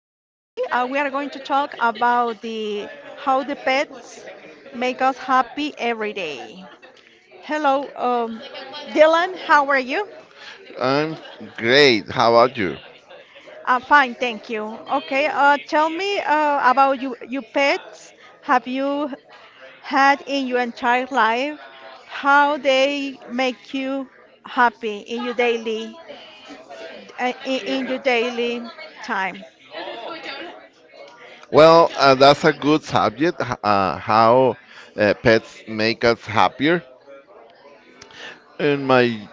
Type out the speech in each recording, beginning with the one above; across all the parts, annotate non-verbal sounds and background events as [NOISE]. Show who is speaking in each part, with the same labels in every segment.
Speaker 1: We are going to talk about the how the pets make us happy every day. Hello, Dylan. How are you?
Speaker 2: I'm great. How about you?
Speaker 1: Fine, thank you. Okay, tell me about you, your pets. Have you had in your entire life how they make you happy in your daily in your daily time?
Speaker 2: Well, that's a good subject. How pets make us happier. In my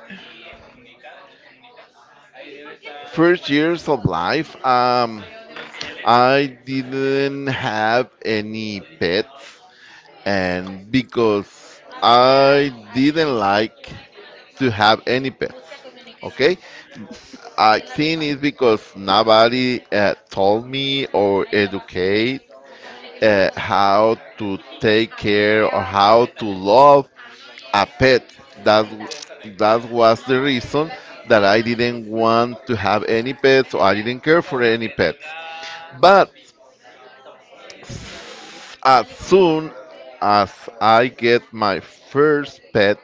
Speaker 2: first years of life, I didn't have any pets, and because I didn't like to have any pets. Okay, I think it's because nobody told me or educate. How to take care or how to love a pet. That that was the reason that I didn't want to have any pets or I didn't care for any pets. But as soon as I get my first pet,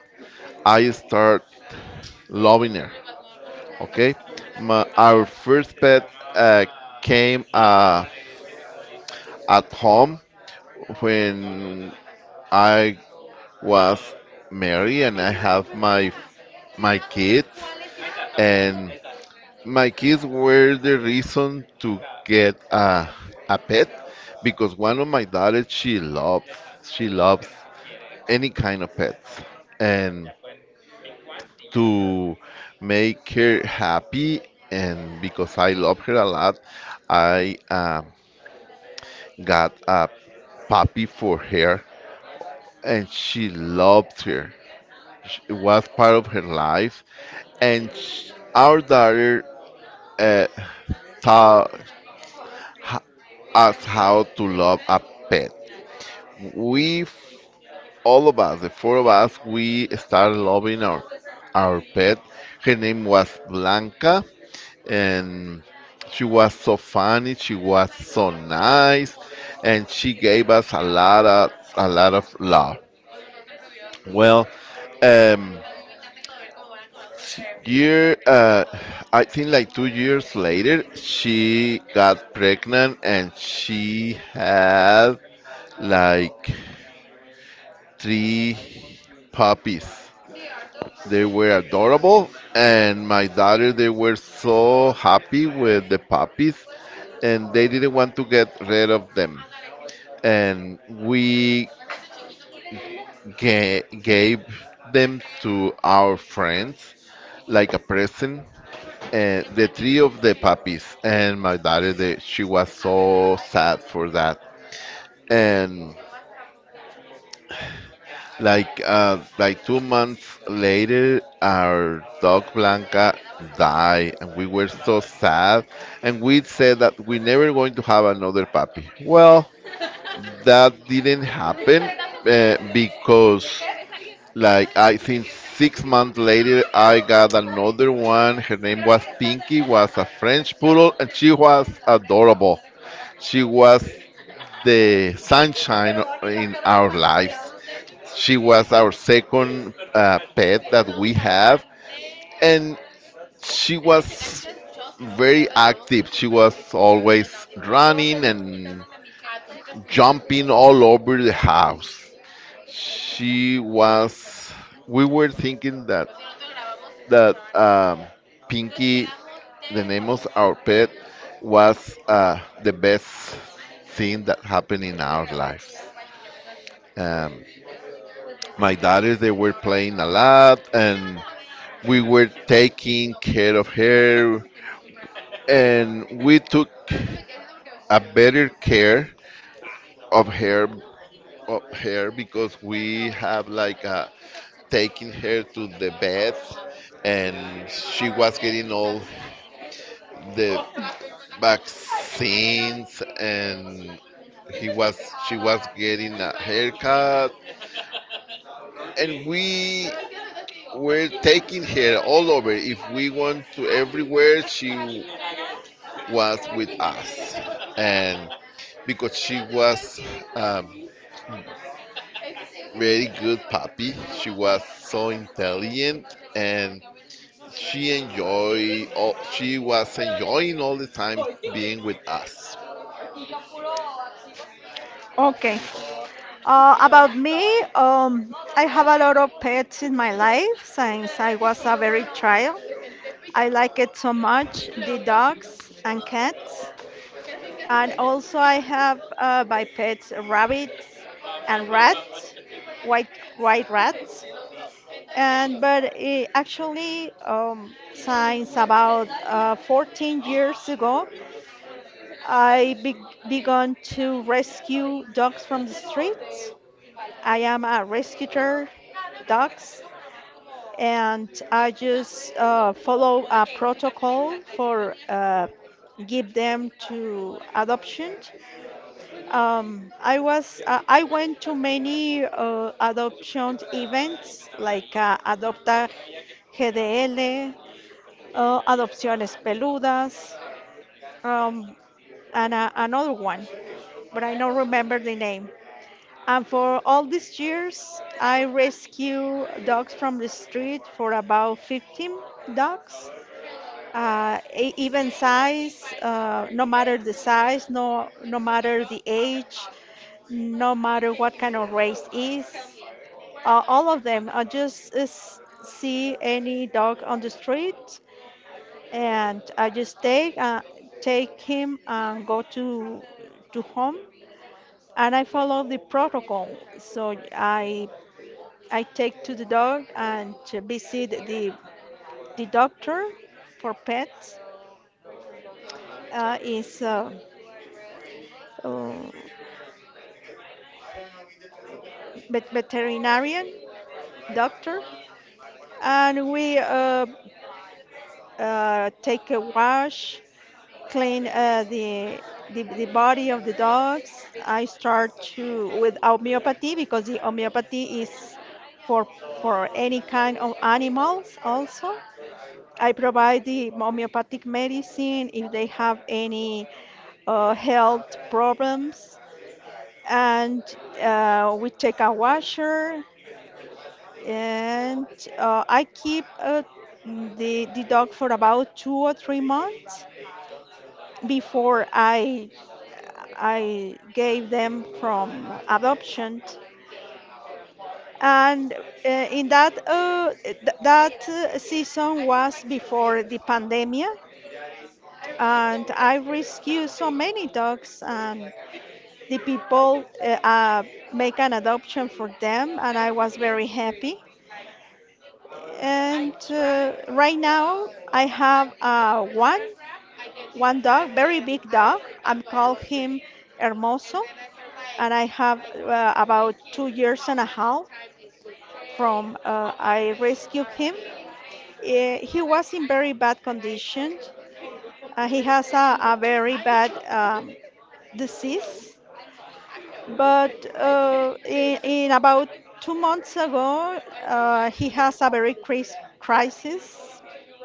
Speaker 2: I start loving her. Okay, my, our first pet uh, came at home when I was married and I have my kids and my kids were the reason to get a pet because one of my daughters she loves any kind of pets and to make her happy and because I love her a lot I got a puppy for her and she loved her it was part of her life, and our daughter uh, taught h- us how to love a pet. We, all of us, the four of us, we started loving our pet. Her name was Blanca, and she was so funny. She was so nice, and she gave us a lot of love. Well, um, year I think like 2 years later she got pregnant and she had like three puppies. They were adorable and my daughter, they, were so happy with the puppies and they didn't want to get rid of them, and we gave them to our friends like a present. And the three of the puppies and my daughter, they, she was so sad for that. And like 2 months later, our dog Blanca died, and we were so sad. And we said that we never going to have another puppy. Well, that didn't happen because like I think 6 months later, I got another one. Her name was Pinky, was a French poodle, and she was adorable. She was the sunshine in our lives. She was our second pet that we have, and she was very active. She was always running and jumping all over the house. She was. We were thinking that that um, Pinky, the name of our pet, was the best thing that happened in our lives. Um, my daughters, they were playing a lot, and we were taking care of her, and we took a better care of her of her because we have like taking her to the bed and she was getting all the vaccines and he was she was getting a haircut and we were taking her all over. If we went to everywhere she was with us, and because she was um, very good puppy. She was so intelligent and she was enjoying all the time being with us.
Speaker 1: Okay. About me, I have a lot of pets in my life since I was a very child. I like it so much, the dogs and cats. And also I have my pets rabbits and rats, white white rats. And but actually, since about 14 years ago, I be began to rescue dogs from the streets. I am a rescuer dogs, and I just follow a protocol for give them to adoption. I was I went to many adoption events like Adopta GDL, Adopciones Peludas, um, and another one, but I don't remember the name. And for all these years, I rescue dogs from the street for about 15 dogs, even size, matter the size, no, no matter the age, no matter what kind of race is. All of them, I just see any dog on the street and I just take, take him and go to home and I follow the protocol. I take to the dog and to visit the doctor for pets. Is a uh, uh, veterinarian doctor, and we take a wash, clean the body of the dogs. I start to with homeopathy because the homeopathy is for for any kind of animals also I provide the homeopathic medicine if they have any health problems. And we take a washer, and I keep the dog for about two or three months before I gave them from adoption. And that season was before the pandemic and I rescue so many dogs, and the people make an adoption for them, and I was very happy. And right now I have one dog, very big dog. I'm call him Hermoso, and I have about two years and a half from I rescued him. He was in very bad condition. He has a very bad disease. But in about two months ago, he has a very crisis,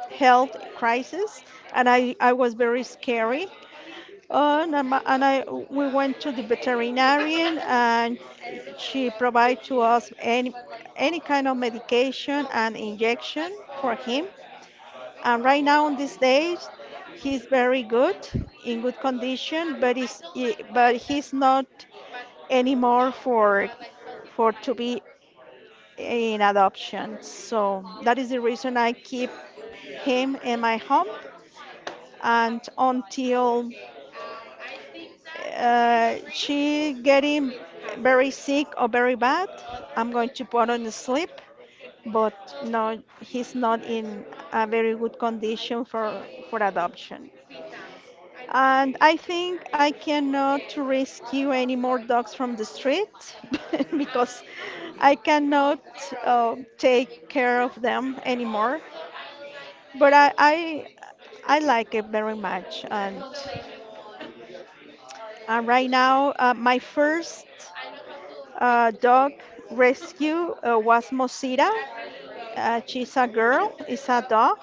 Speaker 1: health crisis, and I was very scary. And I we went to the veterinarian, and she provided to us any kind of medication and injection for him. And right now, on these days, he's very good, in good condition, but he's not anymore for to be in adoption. So that is the reason I keep him in my home and until she getting very sick or very bad, I'm going to put on sleep. But no, he's not in a very good condition for adoption. And I think I cannot rescue any more dogs from the street [LAUGHS] because I cannot take care of them anymore. But I like it very much. And right now, my first dog rescue was Mosira. She's a girl, it's a dog.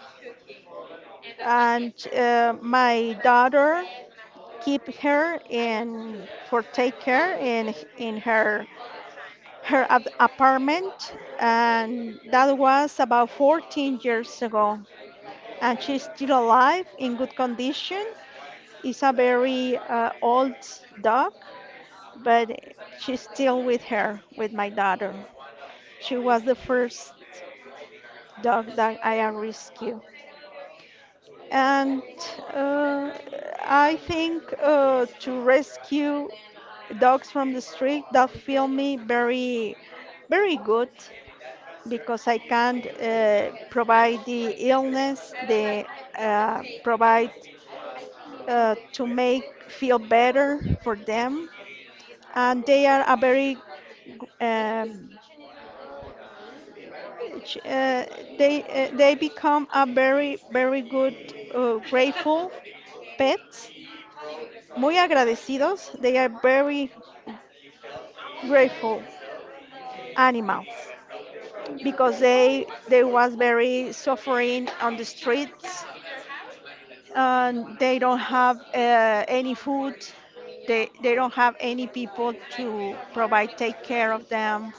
Speaker 1: And my daughter keep her and for take care in her apartment, and that was about 14 years ago, and she's still alive in good condition. It's a very old dog, but she's still with my daughter. She was the first dog that I have rescued. And uh, I think to rescue dogs from the street, that feel me very, very good because I can provide the illness, the provide to make feel better for them, and they are a very um, ch- uh, they become a very very good grateful pets muy agradecidos. They are very grateful animals because they was very suffering on the streets. And they don't have any food. They don't have any people to provide take care of them.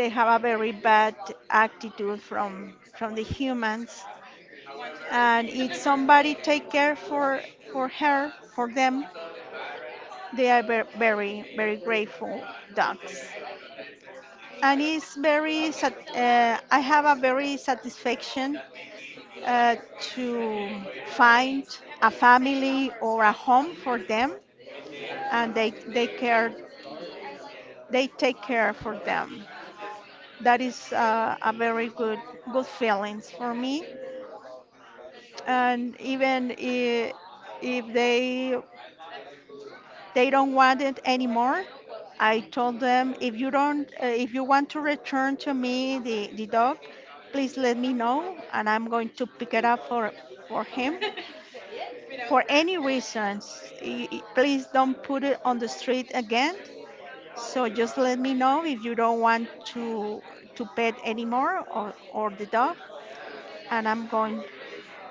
Speaker 1: They have a very bad attitude from the humans. And if somebody take care for her for them, they are very very grateful dogs. And it's very I have a very satisfaction to find a family or a home for them, and they care, they take care for them. That is a very good good feelings for me, and even if they they don't want it anymore. I told them, if you don't, if you want to return to me the dog, please let me know and I'm going to pick it up for him. For any reasons, please don't put it on the street again. So just let me know if you don't want to pet anymore or the dog, and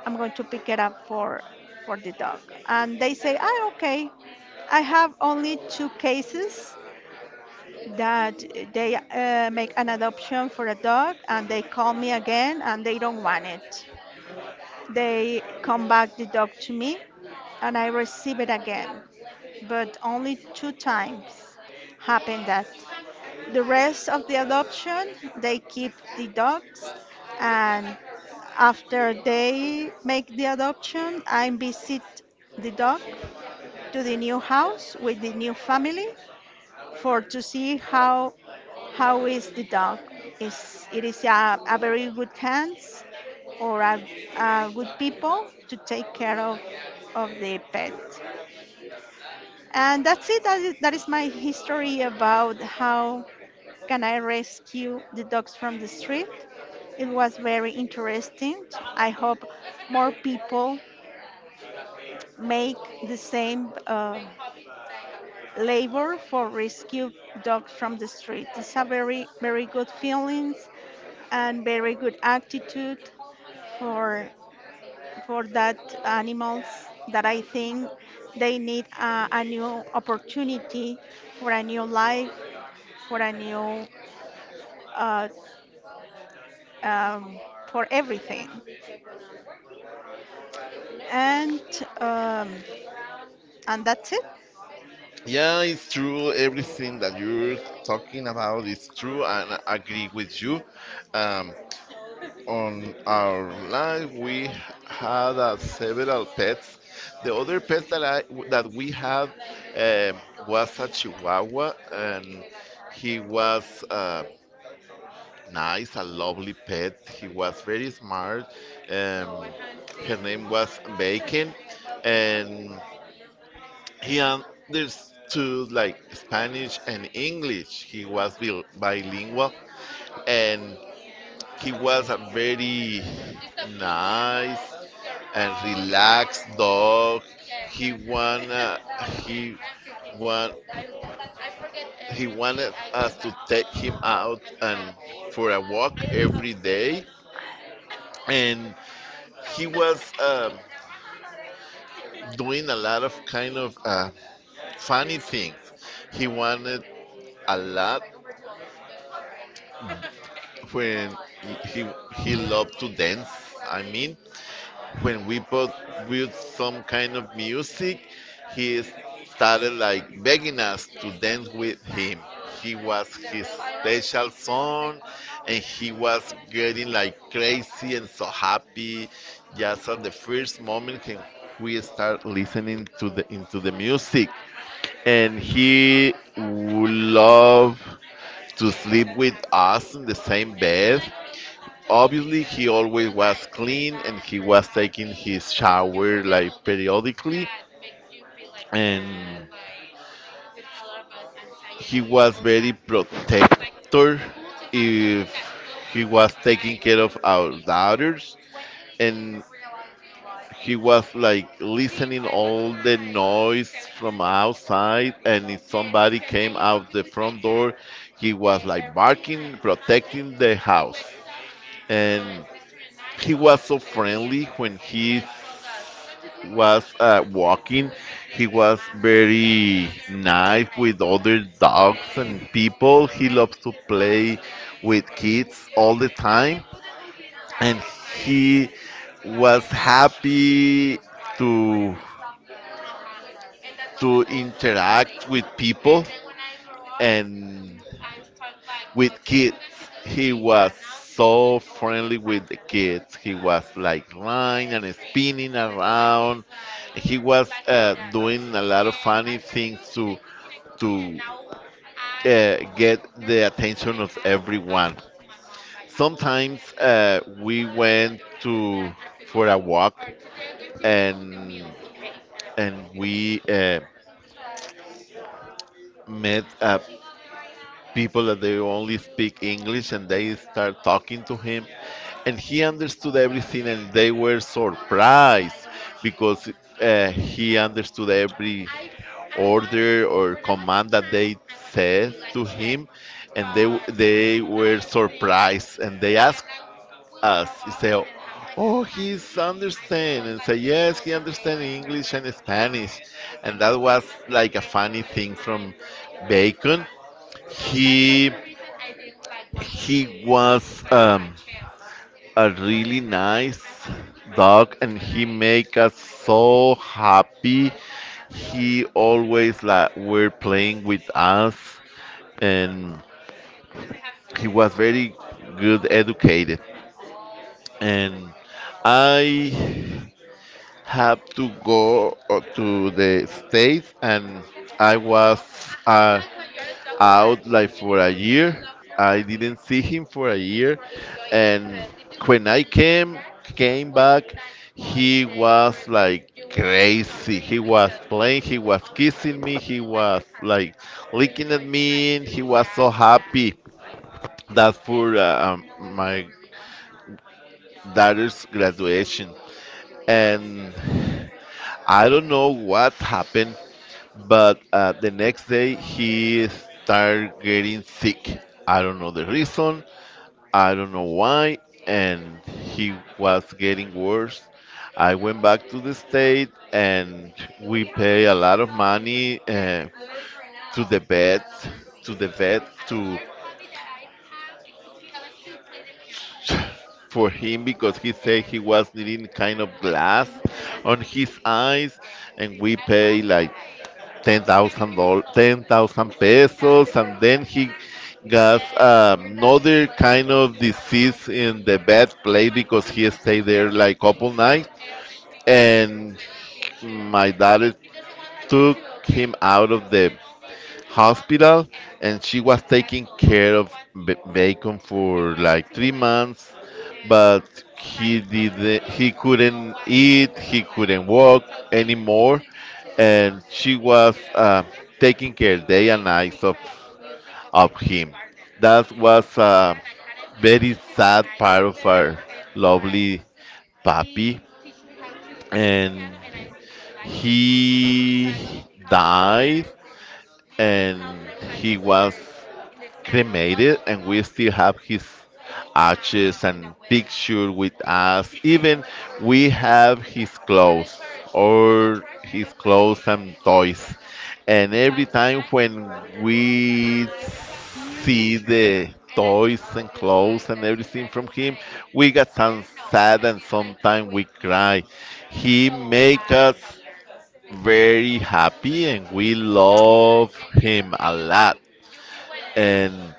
Speaker 1: I'm going to pick it up for the dog. And they say, ah, okay. I have only two cases that they make an adoption for a dog and they call me again and they don't want it. They come back the dog to me and I receive it again. But only two times happened that. The rest of the adoption, they keep the dogs and after they make the adoption, I visit the dog to the new house with the new family for to see how is the dog. Is a very good hands or a good people to take care of the pet. And that's it. That is my history about how can I rescue the dogs from the street. It was very interesting. I hope more people make the same labor for rescue dogs from the street. It's a very, very good feeling and very good attitude for that animals that I think they need a new opportunity for a new life for a new uh, um, for everything and um, and that's it.
Speaker 2: Yeah, it's true. Everything that you're talking about is true, and I agree with you. Um, on our life, we had several pets. The other pet that we had um was a Chihuahua, and he was nice, a lovely pet. He was very smart. Um, Her name was Bacon, and he understood like Spanish and English. He was bilingual, and he was a very nice and relax, dog. He wanna he want he wanted us to take him out and for a walk every day, and he was doing a lot of kind of funny things. He wanted a lot when he he loved to dance. I mean, when we both with some kind of music, he started like begging us to dance with him. He was his special son, and he was getting like crazy and so happy. Just at the first moment when we start listening to the into the music, and he would love to sleep with us in the same bed. Obviously he always was clean and he was taking his shower like periodically, and he was very protector. If He was taking care of our daughters, and he was like listening all the noise from outside, and if somebody came out the front door he was like barking, protecting the house. And he was so friendly when he was walking. He was very nice with other dogs and people. He loves to play with kids all the time, and he was happy to to interact with people and with kids. He was so friendly with the kids. He was like running and spinning around. He was doing a lot of funny things to get the attention of everyone. Sometimes we went to for a walk and we met people that they only speak English and they start talking to him and he understood everything and they were surprised because he understood every order or command that they said to him, and they were surprised and they asked us and say, oh, oh, he's understand and say, yes, he understand English and Spanish. And that was like a funny thing from Bacon. He he was a really nice dog and he make us so happy. He always like were playing with us, and he was very good educated. And I have to go to the States, and I was uh, out like for a year. I didn't see him for a year, and when I came back, he was like crazy. He was playing, he was kissing me, he was like licking at me, and he was so happy. That's for my daughter's graduation, and I don't know what happened, but the next day he started getting sick. I don't know the reason. I don't know why, and he was getting worse. I went back to the state, and we pay a lot of money to the vet, to the vet to for him because he said he was needing kind of glass on his eyes, and we pay like $10,000, 10,000 pesos, and then he got another kind of disease in the bed place because he stayed there like couple nights, and my dad took him out of the hospital and she was taking care of Bacon for like 3 months, but he couldn't eat, he couldn't walk anymore, and she was taking care day and night of him. That was a very sad part of our lovely papi, and he died and he was cremated and we still have his ashes and picture with us. Even we have his clothes and toys, and every time when we see the toys and clothes and everything from him we got some sad and sometimes we cry. He make us very happy and we love him a lot. And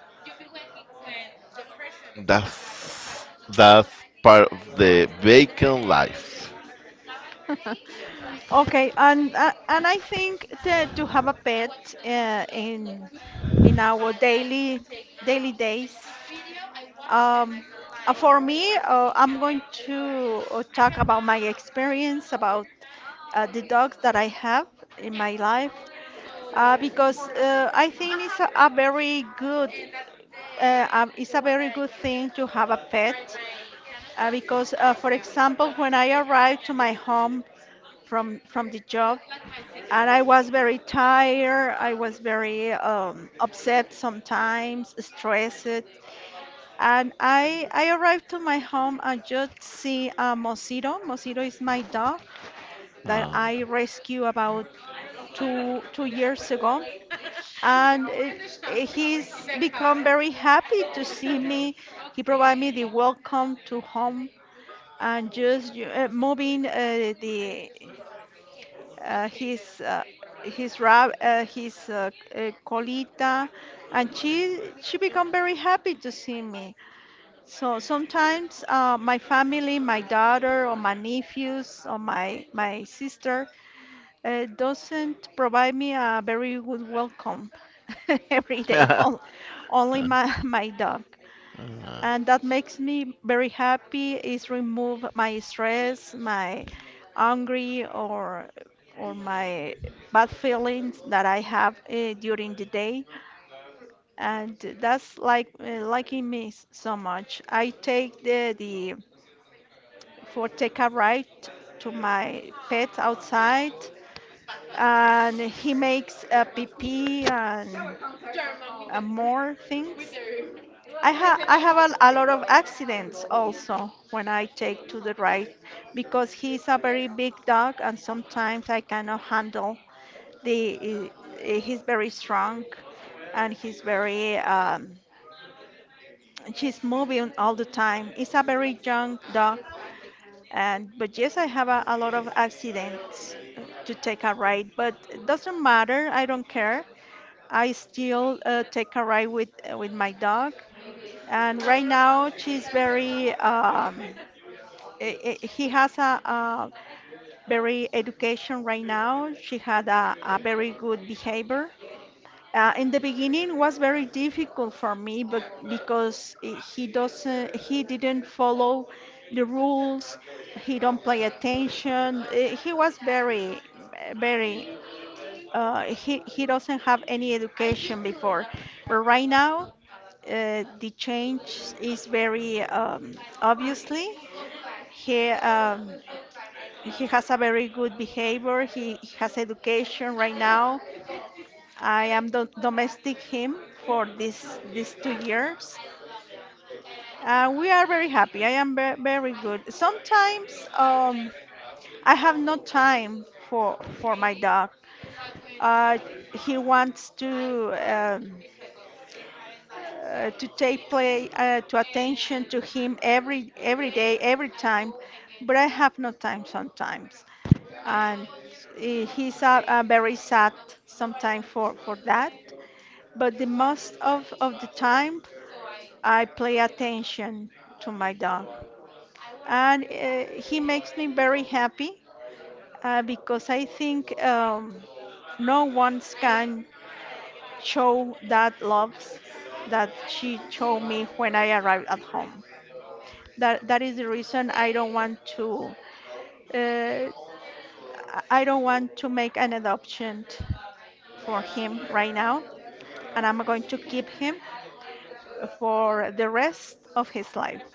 Speaker 2: that's part of the Bacon life.
Speaker 1: [LAUGHS] Okay, and I think that to have a pet in our daily daily days. Um, for me, I'm going to talk about my experience about the dogs that I have in my life because I think it's a very good it's a very good thing to have a pet because for example, when I arrived to my home from the job, and I was very tired, I was very upset, sometimes stressed, and I arrived to my home and just see Mosito. Mosito is my dog that
Speaker 2: Um,
Speaker 1: I rescued about two two years ago, and he's become very happy to see me. He provided me the welcome to home and just moving the uh, his uh, his rab his colita, and she become very happy to see me. So sometimes my family, my daughter or my nephews or my sister doesn't provide me a very good welcome [LAUGHS] every
Speaker 2: [LAUGHS]
Speaker 1: day.
Speaker 2: uh,
Speaker 1: On- only my dog, and that makes me very happy. Is remove my stress, my angry or my bad feelings that I have during the day, and that's like liking me so much. I take the for take a ride to my pet outside, and he makes a pee and more things. I have a lot of accidents also when I take to the ride, because he's a very big dog and sometimes I cannot handle the he's very strong, and he's very she's moving all the time. He's a very young dog. And but yes, I have a lot of accidents to take a ride, but it doesn't matter. I don't care. I still take a ride with my dog, and right now she's very. I He has a very education right now. She had a very good behavior. In the beginning was very difficult for me, but because he doesn't, he didn't follow the rules, he don't pay attention. He was very, very. He he doesn't have any education before, but right now, the change is very obviously. He um, he has a very good behavior. He has education right now. I am do domestic him for this these two years. We are very happy. I am very good. Sometimes I have no time for my dog. Uh, he wants to take play to attention to him every day, every time, but I have no time sometimes, and he's very sad sometimes for that. But the most of the time I pay attention to my dog, and he makes me very happy because I think no one can show that love that she showed me when I arrived at home. That is the reason I don't want to uh, make an adoption for him right now, and I'm going to keep him for the rest of his life.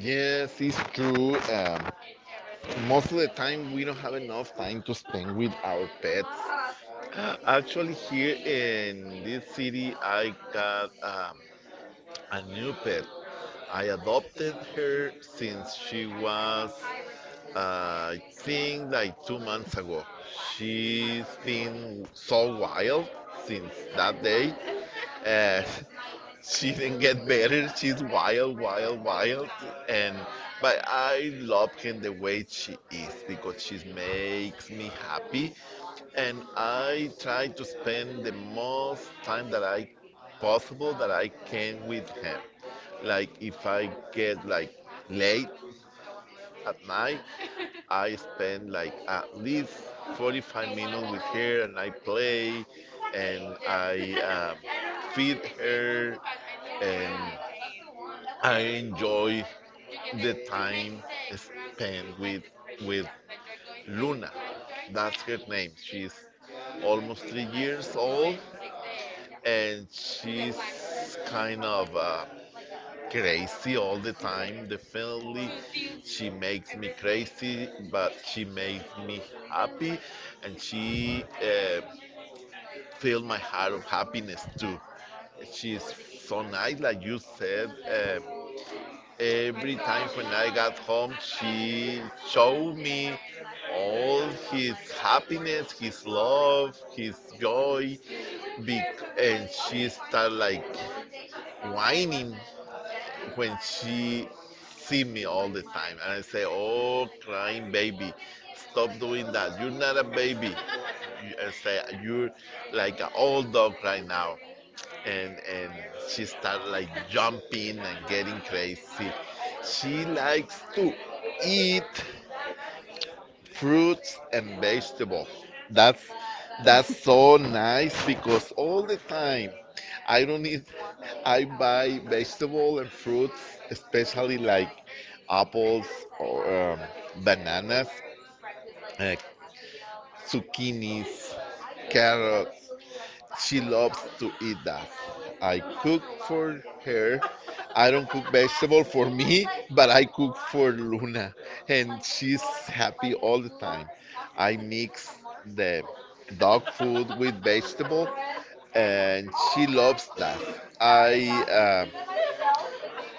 Speaker 2: yes, it's true. Most of the time, we don't have enough time to spend with our pets. Actually, here in this city, I got a new pet. I adopted her since she was, I think, like 2 months ago. She's been so wild since that day. Uh, [LAUGHS] she didn't get better. She's wild, wild, wild, and but I love her the way she is because she makes me happy and I try to spend the most time that I possible that I can with him. Like if I get like late at night, I spend like at least 45 minutes with her and I play and I feed her and I enjoy the time spent with Luna. That's her name. She's almost 3 years old and she's kind of crazy all the time. The family, she makes me crazy, but she makes me happy, and she filled my heart of happiness too. She's so nice, like you said. Every time when I got home, she showed me all his happiness, his love, his joy, be- and she started like whining when she see me all the time, and I say oh crying baby, stop doing that, you're not a baby. I say you're like an old dog right now, and she start like jumping and getting crazy. She likes to eat fruits and vegetables. That's that's so nice because all the time
Speaker 1: [LAUGHS]
Speaker 2: I don't eat. I buy vegetable and fruits, especially like apples or bananas, uh, zucchinis, carrots. She loves to eat that. I cook for her. I don't cook vegetable for me, but I cook for Luna, and she's happy all the time. I mix the dog food with vegetable, and she loves that. I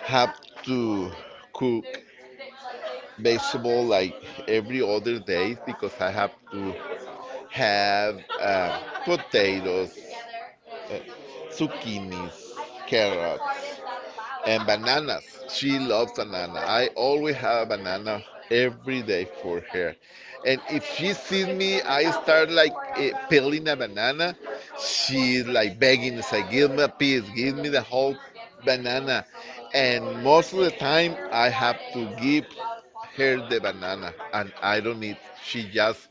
Speaker 2: have to cook vegetable like every other day because I have to have potatoes, uh, zucchinis, carrots, and bananas. She loves banana. I always have a banana every day for her. And if she sees me, I start like peeling a banana. She's like begging, say, give me a piece, give me the whole banana. And most of the time, I have to give her the banana, and I don't eat. She just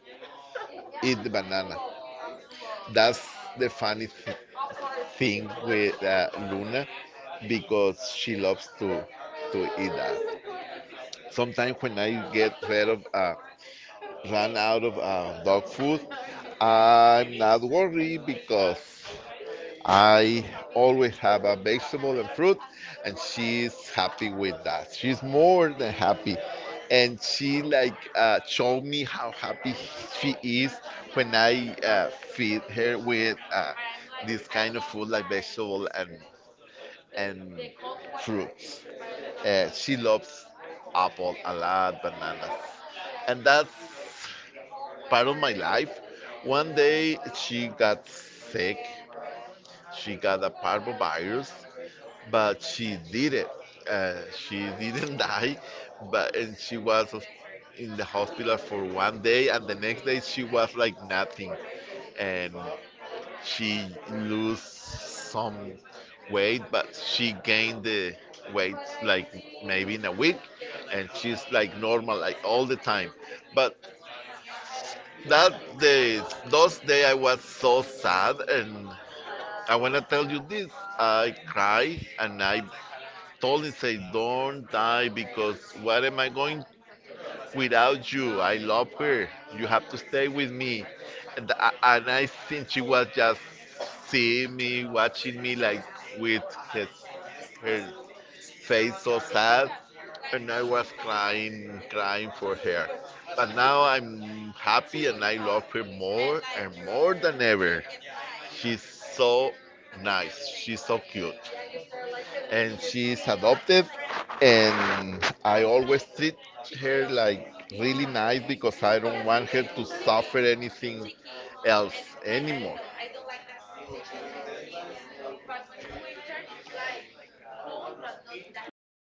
Speaker 2: eat the banana. That's the thing with Luna because she loves to eat that. Sometimes when I get rid of run out of dog food, I'm not worried because I always have a vegetable and fruit, and she's happy with that. She's more than happy, and she like showed me how happy she is when I feed her with this kind of food like vegetable and and fruits. She loves apple a lot, bananas, and that's part of my life. One day she got sick. She got a parvovirus, but she did it. She didn't [LAUGHS] die, but and she was in the hospital for 1 day, and the next day she was like nothing, and she lose some weight, but she gained the weight like maybe in a week, and she's like normal like all the time. But that day, those day I was so sad, and I wanna tell you this. I cried and I told him, say, don't die because what am I going without you. I love her. You have to stay with me. And I think she was just seeing me, watching me like with his her face so sad, and I was crying, crying for her. But now I'm happy and I love her more and more than ever. She's so nice. She's so cute and she's adopted and I always treat her like really nice because I don't want her to suffer anything else anymore.
Speaker 1: Ya porque